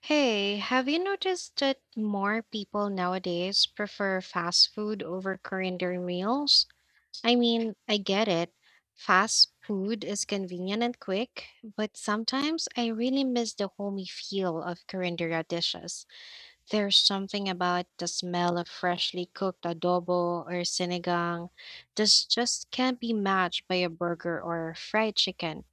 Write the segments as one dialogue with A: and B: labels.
A: Hey, have you noticed that more people nowadays prefer fast food over calendar meals? I mean, I get it. Fast food is convenient and quick, but sometimes I really miss the homey feel of calendar dishes. There's something about the smell of freshly cooked adobo or sinigang that just can't be matched by a burger or fried chicken.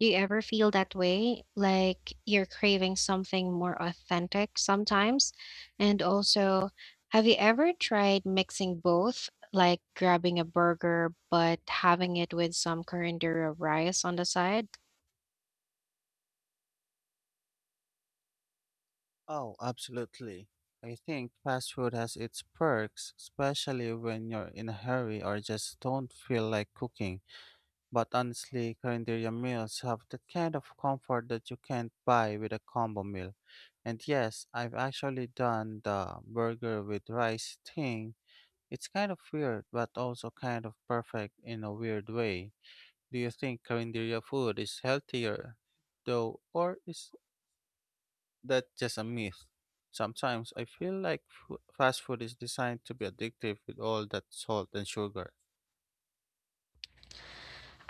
A: Do you ever feel that way? Like you're craving something more authentic sometimes? And also, have you ever tried mixing both, like grabbing a burger but having it with some curandera rice on the side?
B: Oh, absolutely. I think fast food has its perks, especially when you're in a hurry or just don't feel like cooking. But honestly, Carinderia meals have the kind of comfort that you can't buy with a combo meal. And yes, I've actually done the burger with rice thing. It's kind of weird, but also kind of perfect in a weird way. Do you think Carinderia food is healthier, though, or is that's just a myth. Sometimes I feel like fast food is designed to be addictive with all that salt and sugar.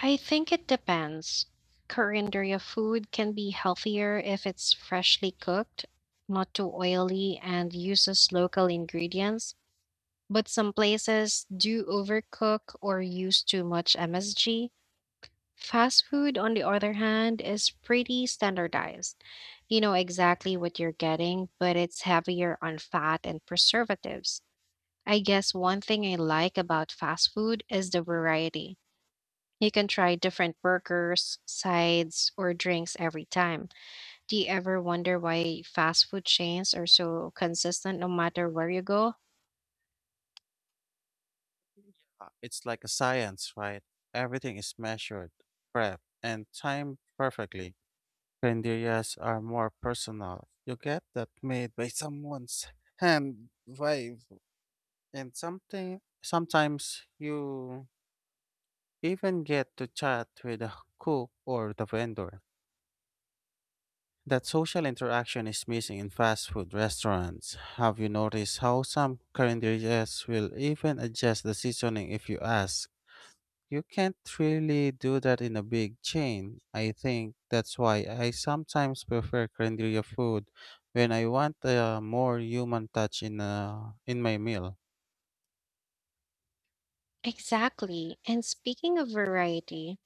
A: I think it depends. Curandera food can be healthier if it's freshly cooked, not too oily, and uses local ingredients. But some places do overcook or use too much MSG. Fast food, on the other hand, is pretty standardized. You know exactly what you're getting, but it's heavier on fat and preservatives. I guess one thing I like about fast food is the variety. You can try different burgers, sides, or drinks every time. Do you ever wonder why fast food chains are so consistent no matter where you go?
B: It's like a science, right? Everything is measured, prepped, and timed perfectly. Candelias are more personal. You get that made by someone's hand vibe, and something sometimes you even get to chat with the cook or the vendor. That social interaction is missing in fast food restaurants. Have you noticed how some current will even adjust the seasoning if you ask? You can't really do that in a big chain. I think that's why I sometimes prefer Korean food when I want a more human touch a in my meal.
A: Exactly. And speaking of variety,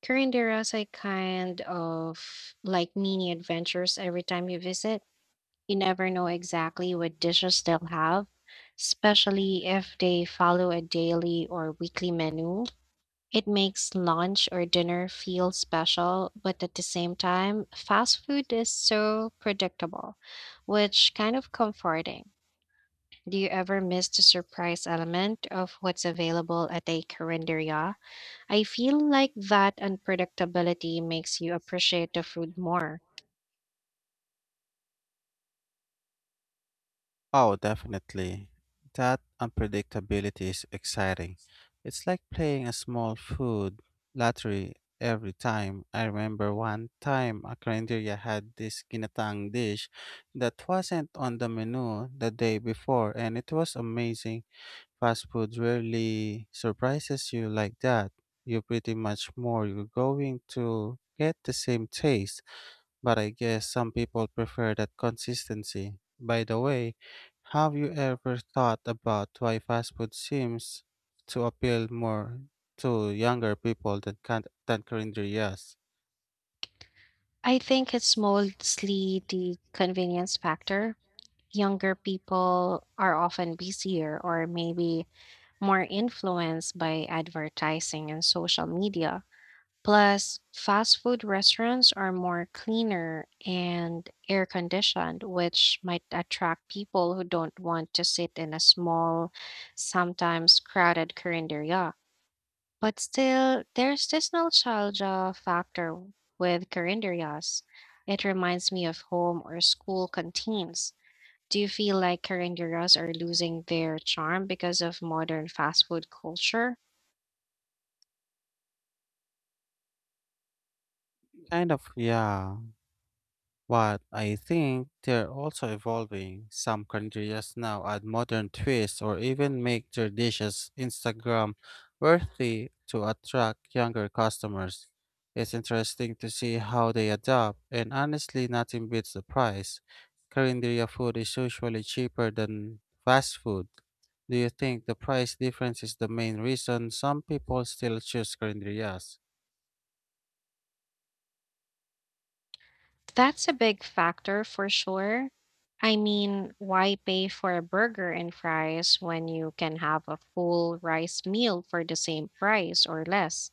A: Current eras I kind of like mini adventures every time you visit. You never know exactly what dishes they'll have, especially if they follow a daily or weekly menu. It makes lunch or dinner feel special, but at the same time, fast food is so predictable, which kind of comforting. Do you ever miss the surprise element of what's available at a carinderia? I feel like that unpredictability makes you appreciate the food more.
B: Oh, definitely. That unpredictability is exciting. It's like playing a small food lottery every time. I remember one time a Carinderia had this ginatang dish that wasn't on the menu the day before, and it was amazing. Fast food rarely surprises you like that. You pretty much more you're going to get the same taste. But I guess some people prefer that consistency. By the way, have you ever thought about why fast food seems to appeal more to younger people than, than currently yes?
A: I think it's mostly the convenience factor. Younger people are often busier or maybe more influenced by advertising and social media. Plus, fast food restaurants are more cleaner and air conditioned, which might attract people who don't want to sit in a small, sometimes crowded cafeteria. But still, there's this nostalgia factor with Carinderias. It reminds me of home or school canteens. Do you feel like Carinderias are losing their charm because of modern fast food culture?
B: Kind of, yeah. But I think they're also evolving. Some countries now add modern twists or even make their dishes Instagram worthy to attract younger customers. It's interesting to see how they adapt, and honestly, nothing beats the price. Korean food is usually cheaper than fast food. Do you think the price difference is the main reason some people still choose Korean?
A: That's a big factor for sure. I mean, why pay for a burger and fries when you can have a full rice meal for the same price or less?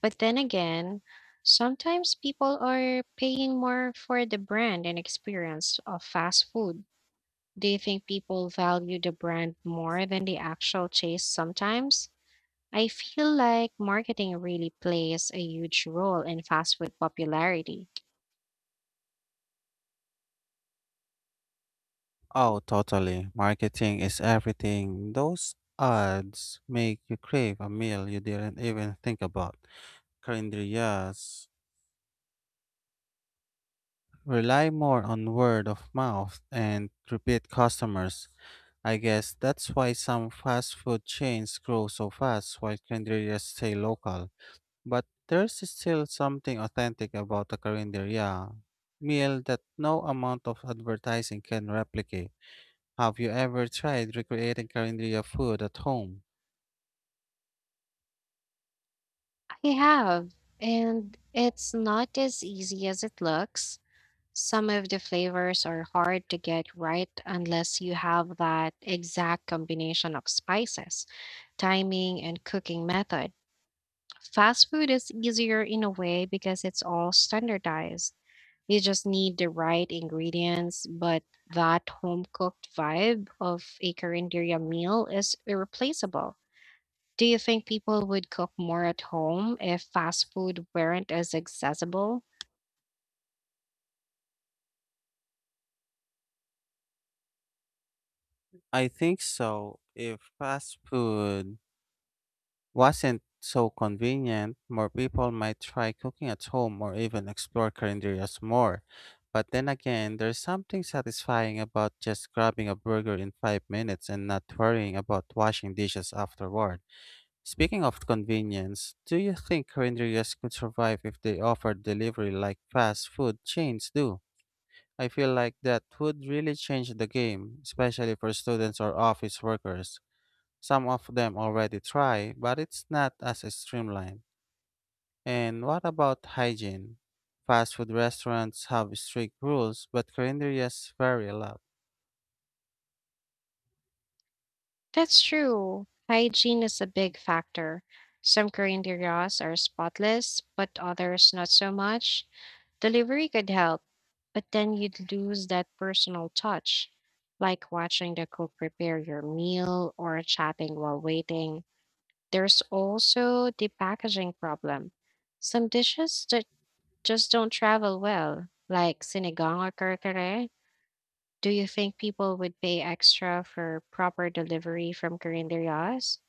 A: But then again, sometimes people are paying more for the brand and experience of fast food. Do you think people value the brand more than the actual taste sometimes? I feel like marketing really plays a huge role in fast food popularity.
B: Oh, totally. Marketing is everything. Those ads make you crave a meal you didn't even think about. Carinderias rely more on word of mouth and repeat customers. I guess that's why some fast food chains grow so fast while carinderias stay local. But there's still something authentic about a carinderia meal that no amount of advertising can replicate. Have you ever tried recreating Carinthia food at home?
A: I have, and it's not as easy as it looks. Some of the flavors are hard to get right unless you have that exact combination of spices, timing, and cooking method. Fast food is easier in a way because it's all standardized. You just need the right ingredients, but that home cooked vibe of a Carinderia meal is irreplaceable. Do you think people would cook more at home if fast food weren't as accessible?
B: I think so. If fast food wasn't so convenient, more people might try cooking at home or even explore Carinderias more. But then again, there's something satisfying about just grabbing a burger in 5 minutes and not worrying about washing dishes afterward. Speaking of convenience, do you think Carinderias could survive if they offered delivery like fast food chains do? I feel like that would really change the game, especially for students or office workers. Some of them already try, but it's not as streamlined. And what about hygiene? Fast food restaurants have strict rules, but calendarias vary a lot.
A: That's true. Hygiene is a big factor. Some Korean deryas are spotless, but others not so much. Delivery could help, but then you'd lose that personal touch, like watching the cook prepare your meal or chatting while waiting. There's also the packaging problem. Some dishes that just don't travel well, like sinigang or kare. Do you think people would pay extra for proper delivery from Korean deryas?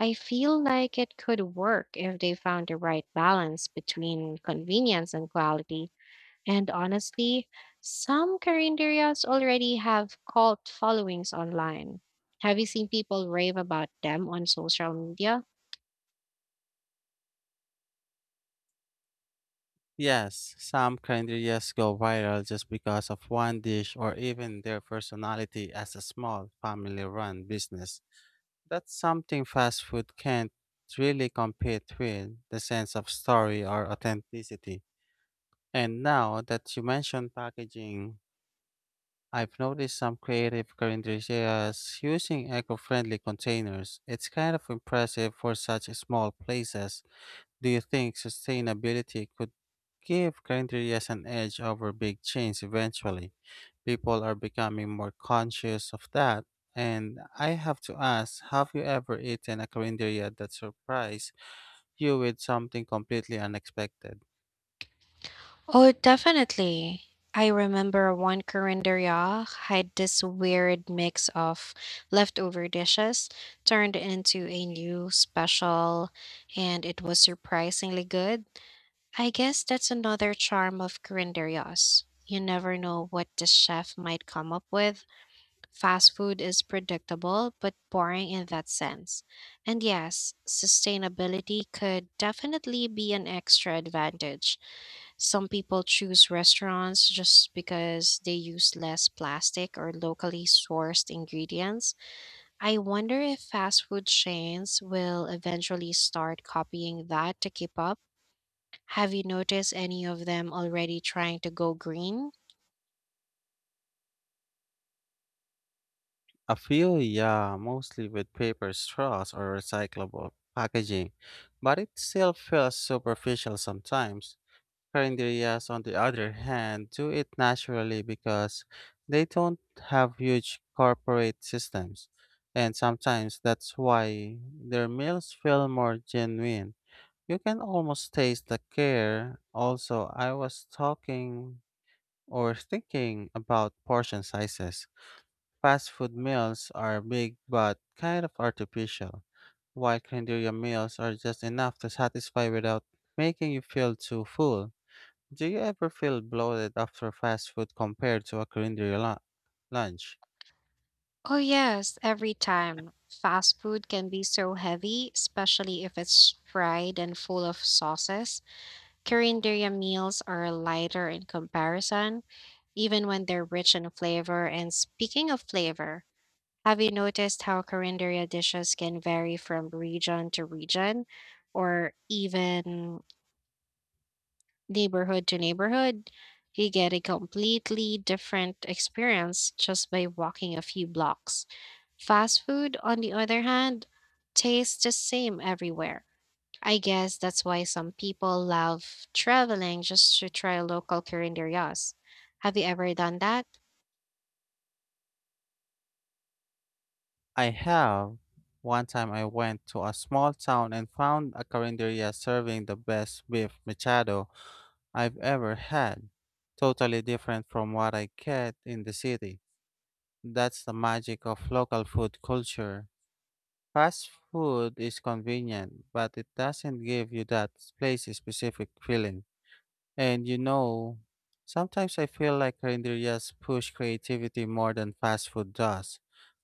A: I feel like it could work if they found the right balance between convenience and quality. And honestly, some carinderias already have cult followings online. Have you seen people rave about them on social media?
B: Yes, some calendarias go viral just because of one dish or even their personality as a small family run business. That's something fast food can't really compete with the sense of story or authenticity. And now that you mentioned packaging, I've noticed some creative carinderias using eco friendly containers. It's kind of impressive for such small places. Do you think sustainability could give grinderias an edge over big chains eventually? People are becoming more conscious of that. And I have to ask, have you ever eaten a grinderia that surprised you with something completely unexpected?
A: Oh, definitely. I remember one carinderia had this weird mix of leftover dishes turned into a new special, and it was surprisingly good. I guess that's another charm of Grinderyos. You never know what the chef might come up with. Fast food is predictable, but boring in that sense. And yes, sustainability could definitely be an extra advantage. Some people choose restaurants just because they use less plastic or locally sourced ingredients. I wonder if fast food chains will eventually start copying that to keep up. Have you noticed any of them already trying to go green?
B: A few, yeah, mostly with paper straws or recyclable packaging, but it still feels superficial sometimes. Carinderias, on the other hand, do it naturally because they don't have huge corporate systems. And sometimes that's why their meals feel more genuine. You can almost taste the care. Also, I was talking or thinking about portion sizes. Fast food meals are big but kind of artificial, while Candiria meals are just enough to satisfy without making you feel too full. Do you ever feel bloated after fast food compared to a culinary lunch?
A: Oh, yes, every time. Fast food can be so heavy, especially if it's fried and full of sauces. Korean meals are lighter in comparison, even when they're rich in flavor. And speaking of flavor, have you noticed how Korean dishes can vary from region to region or even neighborhood to neighborhood, you get a completely different experience just by walking a few blocks. Fast food, on the other hand, tastes the same everywhere. I guess that's why some people love traveling just to try local curanderias. Have you ever done that?
B: I have. One time I went to a small town and found a carinderia serving the best beef machado I've ever had. Totally different from what I get in the city. That's the magic of local food culture. Fast food is convenient, but it doesn't give you that place specific feeling. And you know, sometimes I feel like renderias push creativity more than fast food does.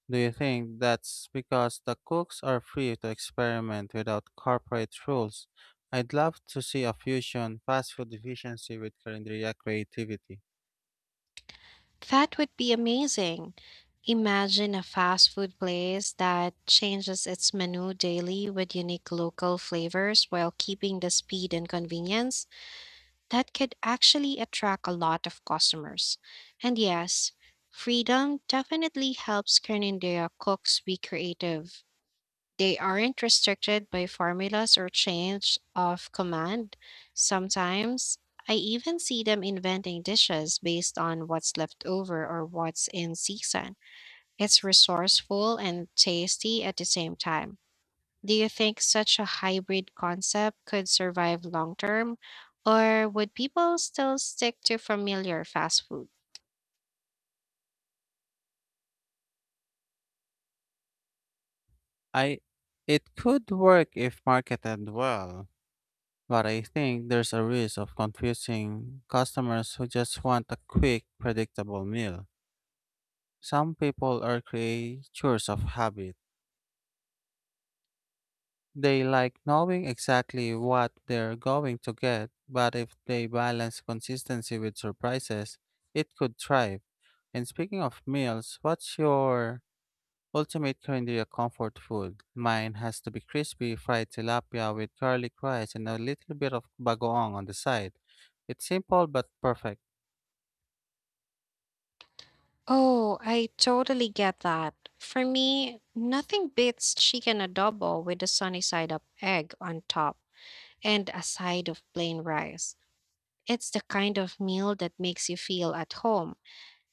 B: Do you think that's because the cooks are free to experiment without corporate rules? I'd love to see a fusion fast food efficiency with carinderia creativity.
A: That would be amazing. Imagine a fast food place that changes its menu daily with unique local flavors while keeping the speed and convenience. That could actually attract a lot of customers. And yes, freedom definitely helps Canadian cooks be creative. They aren't restricted by formulas or change of command. Sometimes I even see them inventing dishes based on what's left over or what's in season. It's resourceful and tasty at the same time. Do you think such a hybrid concept could survive long term, or would people still stick to familiar fast food?
B: I It could work if marketed well, but I think there's a risk of confusing customers who just want a quick, predictable meal. Some people are creatures of habit. They like knowing exactly what they're going to get, but if they balance consistency with surprises, it could thrive. And speaking of meals, what's your ultimate Korean comfort food? Mine has to be crispy fried tilapia with garlic rice and a little bit of bagoong on the side. It's simple but perfect.
A: Oh, I totally get that. For me, nothing beats chicken adobo with a sunny side up egg on top and a side of plain rice. It's the kind of meal that makes you feel at home,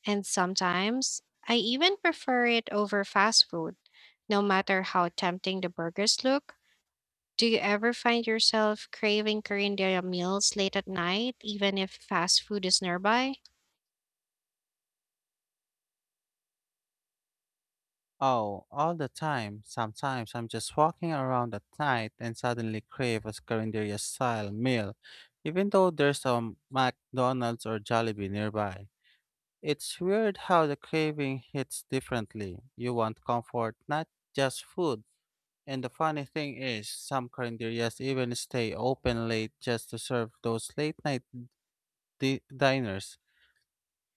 A: and sometimes I even prefer it over fast food. No matter how tempting the burgers look, do you ever find yourself craving Korean meals late at night, even if fast food is nearby?
B: Oh, all the time. Sometimes I'm just walking around at night and suddenly crave a Scarinderia style meal, even though there's a McDonald's or Jollibee nearby. It's weird how the craving hits differently. You want comfort, not just food. And the funny thing is, some Carinderias even stay open late just to serve those late night diners.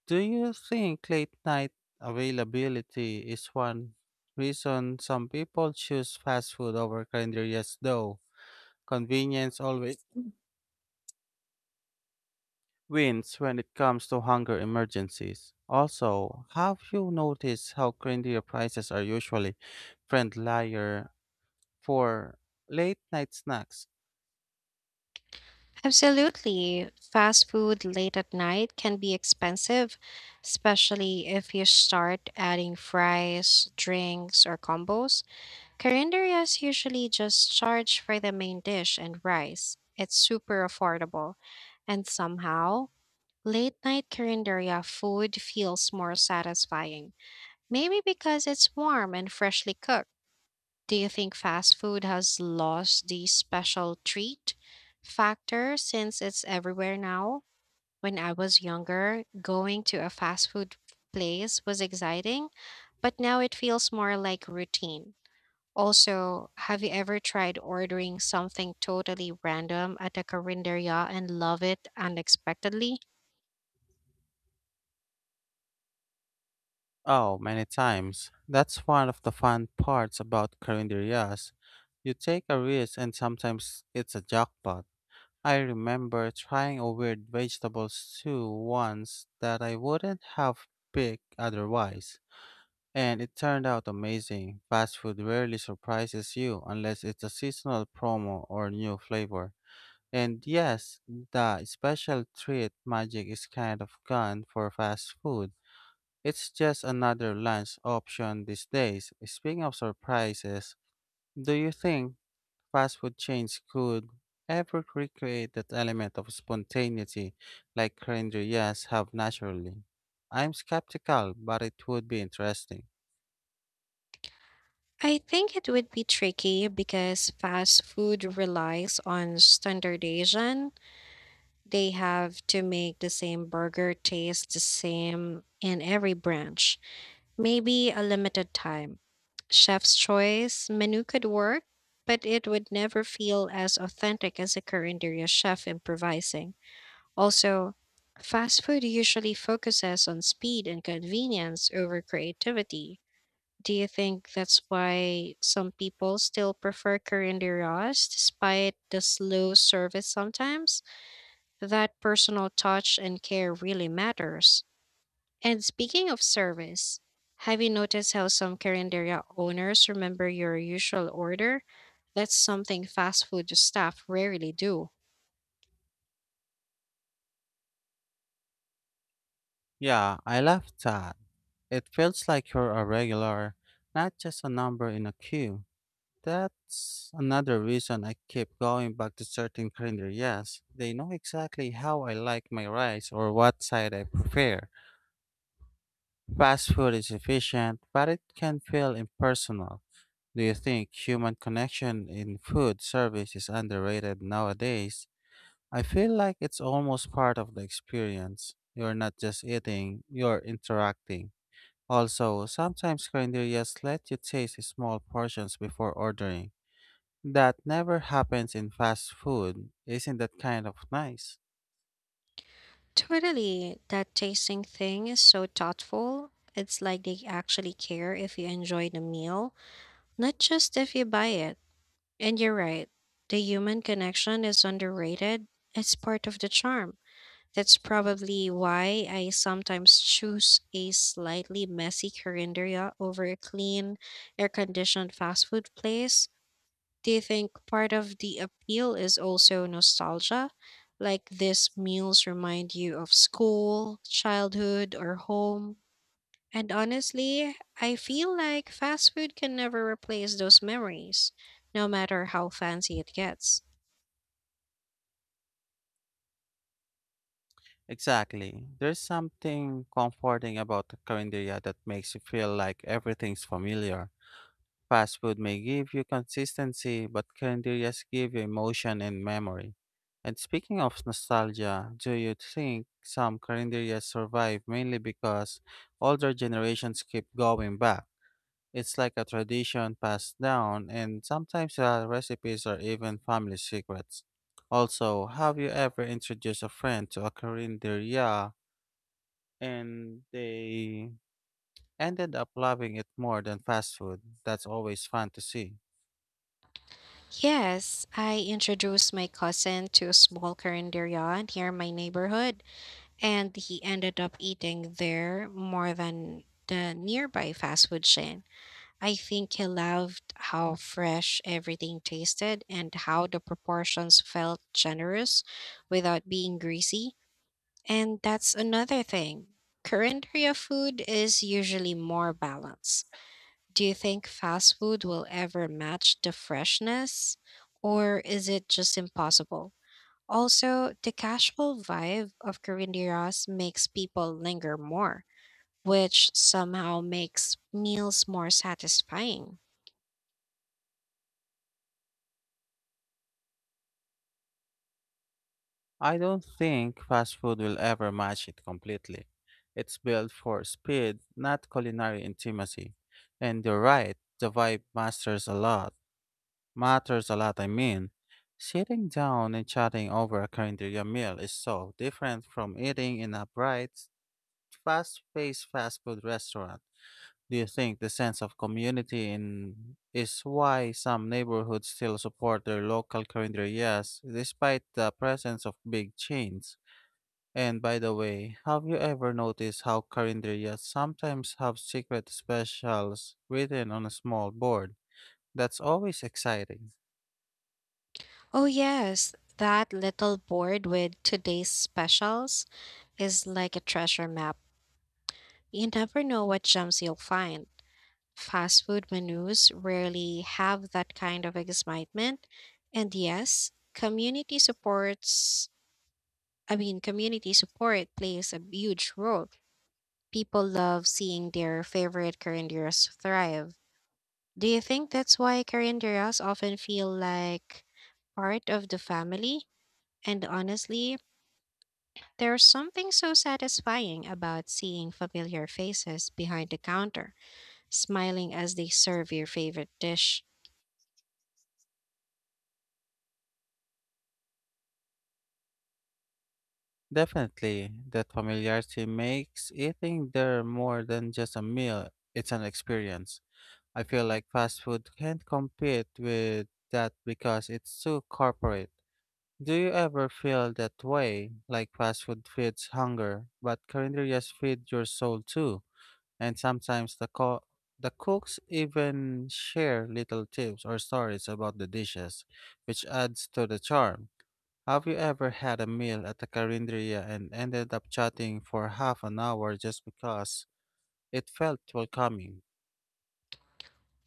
B: Do you think late night availability is one reason some people choose fast food over calories though? Convenience always wins when it comes to hunger emergencies. Also, have you noticed how trendier prices are usually friendlier for late night snacks?
A: Absolutely. Fast food late at night can be expensive, especially if you start adding fries, drinks, or combos. Korean usually just charge for the main dish and rice. It's super affordable. And somehow, late night Korean food feels more satisfying. Maybe because it's warm and freshly cooked. Do you think fast food has lost the special treat factor since it's everywhere now? When I was younger, going to a fast food place was exciting, but now it feels more like routine. Also, have you ever tried ordering something totally random at a carinderia and love it unexpectedly?
B: Oh, many times. That's one of the fun parts about carinderias. You take a risk and sometimes it's a jackpot. I remember trying a weird vegetable stew once that I wouldn't have picked otherwise, and it turned out amazing. Fast food rarely surprises you unless it's a seasonal promo or new flavor. And yes, the special treat magic is kind of gone for fast food. It's just another lunch option these days. Speaking of surprises, do you think fast food chains could ever recreate that element of spontaneity like Renderias have naturally? I'm skeptical, but it would be interesting.
A: I think it would be tricky because fast food relies on standardization. They have to make the same burger taste the same in every branch. Maybe a limited time. Chef's choice menu could work, but it would never feel as authentic as a Corinderia chef improvising. Also, fast food usually focuses on speed and convenience over creativity. Do you think that's why some people still prefer Corinderia despite the slow service sometimes? That personal touch and care really matters. And speaking of service, have you noticed how some Carinderia owners remember your usual order? That's something fast food staff rarely do.
B: Yeah, I love that. It feels like you're a regular, not just a number in a queue. That's another reason I keep going back to certain Renderias. They know exactly how I like my rice or what side I prefer. Fast food is efficient, but it can feel impersonal. Do you think human connection in food service is underrated nowadays? I feel like it's almost part of the experience. You're not just eating, you're interacting. Also, sometimes carinderias let you taste small portions before ordering. That never happens in fast food. Isn't that kind of nice?
A: Totally, that tasting thing is so thoughtful. It's like they actually care if you enjoy the meal, not just if you buy it. And you're right, the human connection is underrated. It's part of the charm. That's probably why I sometimes choose a slightly messy cafeteria over a clean, air-conditioned fast food place. Do you think part of the appeal is also nostalgia? Like these meals remind you of school, childhood, or home? And honestly, I feel like fast food can never replace those memories, no matter how fancy it gets.
B: Exactly. There's something comforting about the carinderia that makes you feel like everything's familiar. Fast food may give you consistency, but carinderias give you emotion and memory. And speaking of nostalgia, do you think some carinderias survive mainly because older generations keep going back? It's like a tradition passed down, and sometimes the recipes are even family secrets. Also, have you ever introduced a friend to a carinderia and they ended up loving it more than fast food? That's always fun to see.
A: Yes, I introduced my cousin to a small carinderia near my neighborhood, and he ended up eating there more than the nearby fast food chain. I think he loved how fresh everything tasted and how the proportions felt generous without being greasy. And that's another thing. Carinderia food is usually more balanced. Do you think fast food will ever match the freshness, or is it just impossible? Also, the casual vibe of Corinderos makes people linger more, which somehow makes meals more satisfying.
B: I don't think fast food will ever match it completely. It's built for speed, not culinary intimacy. And you're right, the vibe masters a lot. Matters a lot, I mean. Sitting down and chatting over a cafeteria meal is so different from eating in a bright, fast-paced fast food restaurant. Do you think the sense of community in is why some neighborhoods still support their local carinderias despite the presence of big chains? And by the way, have you ever noticed how calendarias sometimes have secret specials written on a small board? That's always exciting.
A: Oh, yes, that little board with today's specials is like a treasure map. You never know what gems you'll find. Fast food menus rarely have that kind of excitement. And yes, community support plays a huge role. People love seeing their favorite carinderas thrive. Do you think that's why carinderas often feel like part of the family? And honestly, there's something so satisfying about seeing familiar faces behind the counter, smiling as they serve your favorite dish.
B: Definitely, that familiarity makes eating there more than just a meal, it's an experience. I feel like fast food can't compete with that because it's too corporate. Do you ever feel that way? Like fast food feeds hunger, but calendarias feed your soul too. And sometimes the the cooks even share little tips or stories about the dishes, which adds to the charm. Have you ever had a meal at a carinderia and ended up chatting for half an hour just because it felt welcoming?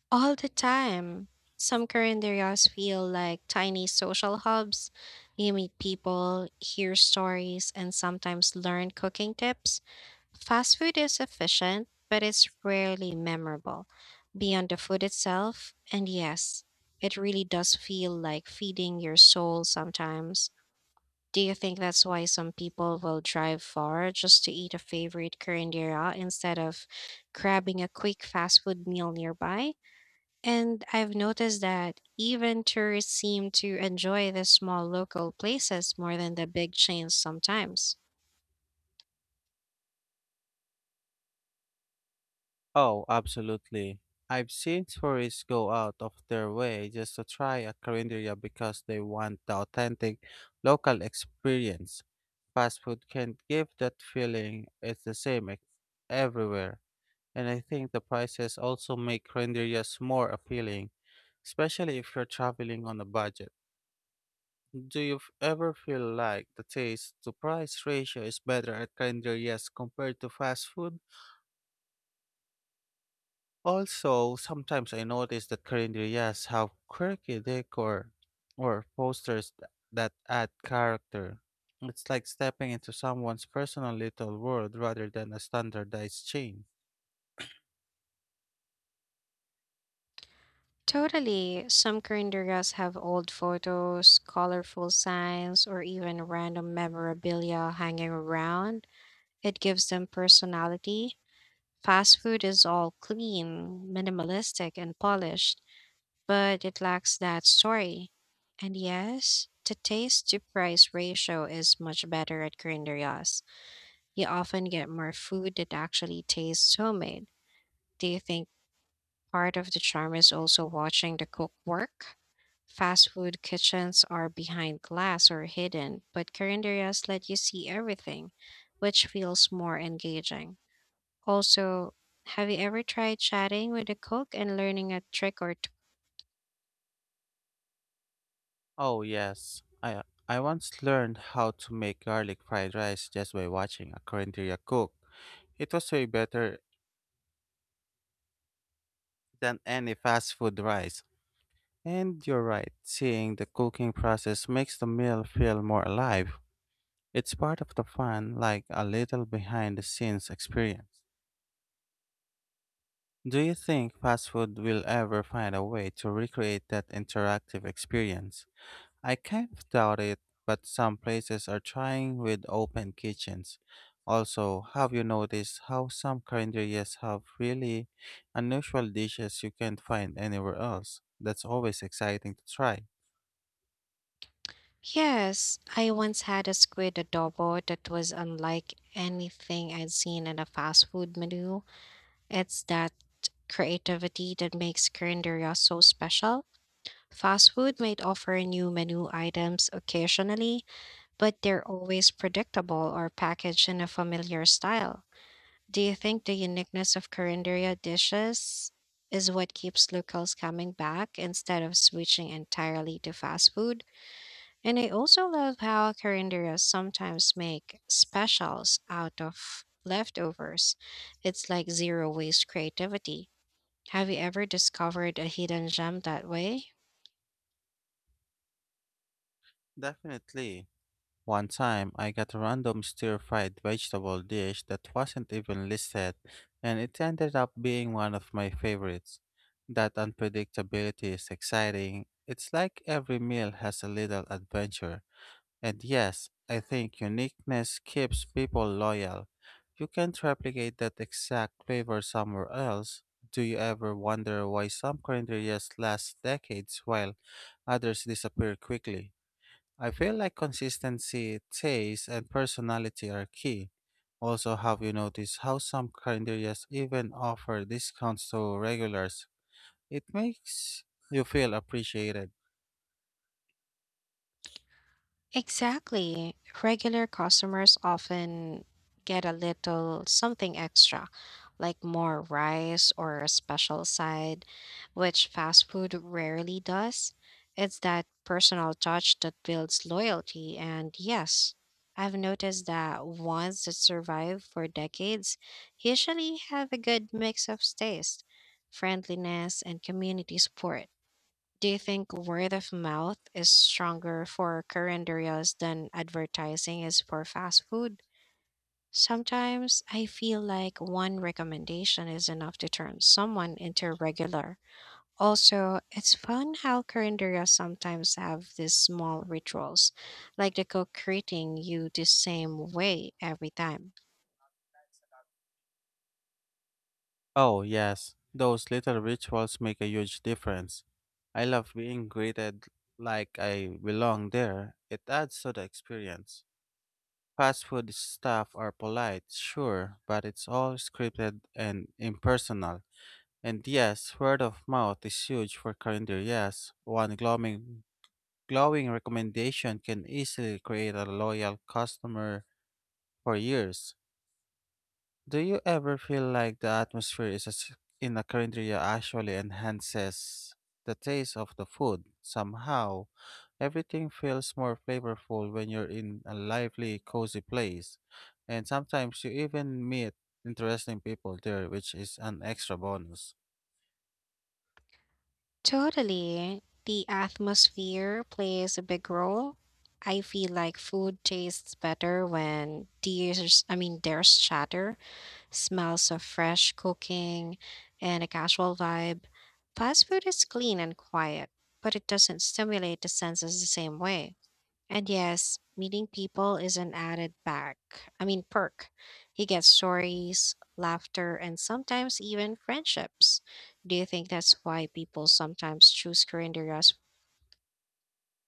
A: All the time. Some calendarias feel like tiny social hubs. You meet people, hear stories, and sometimes learn cooking tips. Fast food is efficient, but it's rarely memorable. Beyond the food itself, and yes, it really does feel like feeding your soul sometimes. Do you think that's why some people will drive far just to eat a favorite curanderia instead of grabbing a quick fast food meal nearby? And I've noticed that even tourists seem to enjoy the small local places more than the big chains sometimes.
B: Oh, absolutely. I've seen tourists go out of their way just to try a carinderia because they want the authentic local experience. Fast food can't give that feeling. It's the same everywhere. And I think the prices also make rendezvous more appealing, especially if you're traveling on a budget. Do you ever feel like the taste to price ratio is better at rendezvous compared to fast food? Also, sometimes I notice that rendezvous have quirky decor or posters that add character. It's like stepping into someone's personal little world rather than a standardized chain.
A: Totally, some Corindergas have old photos, colorful signs, or even random memorabilia hanging around. It gives them personality. Fast food is all clean, minimalistic, and polished, but it lacks that story. And yes, the taste to price ratio is much better at Corindergas. You often get more food that actually tastes homemade. Do you think part of the charm is also watching the cook work? Fast food kitchens are behind glass or hidden, but carinderias let you see everything, which feels more engaging. Also, have you ever tried chatting with a cook and learning a trick or two?
B: Oh, yes. I once learned how to make garlic fried rice just by watching a Korean cook. It was way better than any fast food rice. And you're right, seeing the cooking process makes the meal feel more alive. It's part of the fun, like a little behind the scenes experience. Do you think fast food will ever find a way to recreate that interactive experience? I kind of doubt it, but some places are trying with open kitchens. Also, have you noticed how some calendarias have really unusual dishes you can't find anywhere else? That's always exciting to try.
A: Yes, I once had a squid adobo that was unlike anything I'd seen in a fast food menu. It's that creativity that makes Carinderia so special. Fast food might offer new menu items occasionally, but they're always predictable or packaged in a familiar style. Do you think the uniqueness of Carinderia dishes is what keeps locals coming back instead of switching entirely to fast food? And I also love how Carinderia sometimes make specials out of leftovers. It's like zero waste creativity. Have you ever discovered a hidden gem that way?
B: Definitely. One time, I got a random stir fried vegetable dish that wasn't even listed, and it ended up being one of my favorites. That unpredictability is exciting. It's like every meal has a little adventure. And yes, I think uniqueness keeps people loyal. You can't replicate that exact flavor somewhere else. Do you ever wonder why some cranberries last decades while others disappear quickly? I feel like consistency, taste, and personality are key. Also, have you noticed how some cranberries even offer discounts to regulars? It makes you feel appreciated.
A: Exactly. Regular customers often get a little something extra, like more rice or a special side, which fast food rarely does. It's that personal touch that builds loyalty. And yes, I've noticed that ones that survive for decades usually have a good mix of taste, friendliness, and community support. Do you think word of mouth is stronger for current areas than advertising is for fast food? Sometimes I feel like one recommendation is enough to turn someone into a regular. Also, it's fun how current areas sometimes have these small rituals, like the cook greeting you the same way every time.
B: Oh, yes, those little rituals make a huge difference. I love being greeted like I belong there. It adds to the experience. Fast food staff are polite, sure, but it's all scripted and impersonal. And yes, word of mouth is huge for calendar. Yes, one glowing, glowing recommendation can easily create a loyal customer for years. Do you ever feel like the atmosphere in a cafeteria actually enhances the taste of the food? Somehow, everything feels more flavorful when you're in a lively, cozy place, and sometimes you even meet interesting people there, which is an extra bonus.
A: Totally. The atmosphere plays a big role. I feel like food tastes better when there's chatter, smells of fresh cooking, and a casual vibe. Fast food is clean and quiet, but it doesn't stimulate the senses the same way. And yes, meeting people is an added perk. He gets stories, laughter, and sometimes even friendships. Do you think that's why people sometimes choose Korean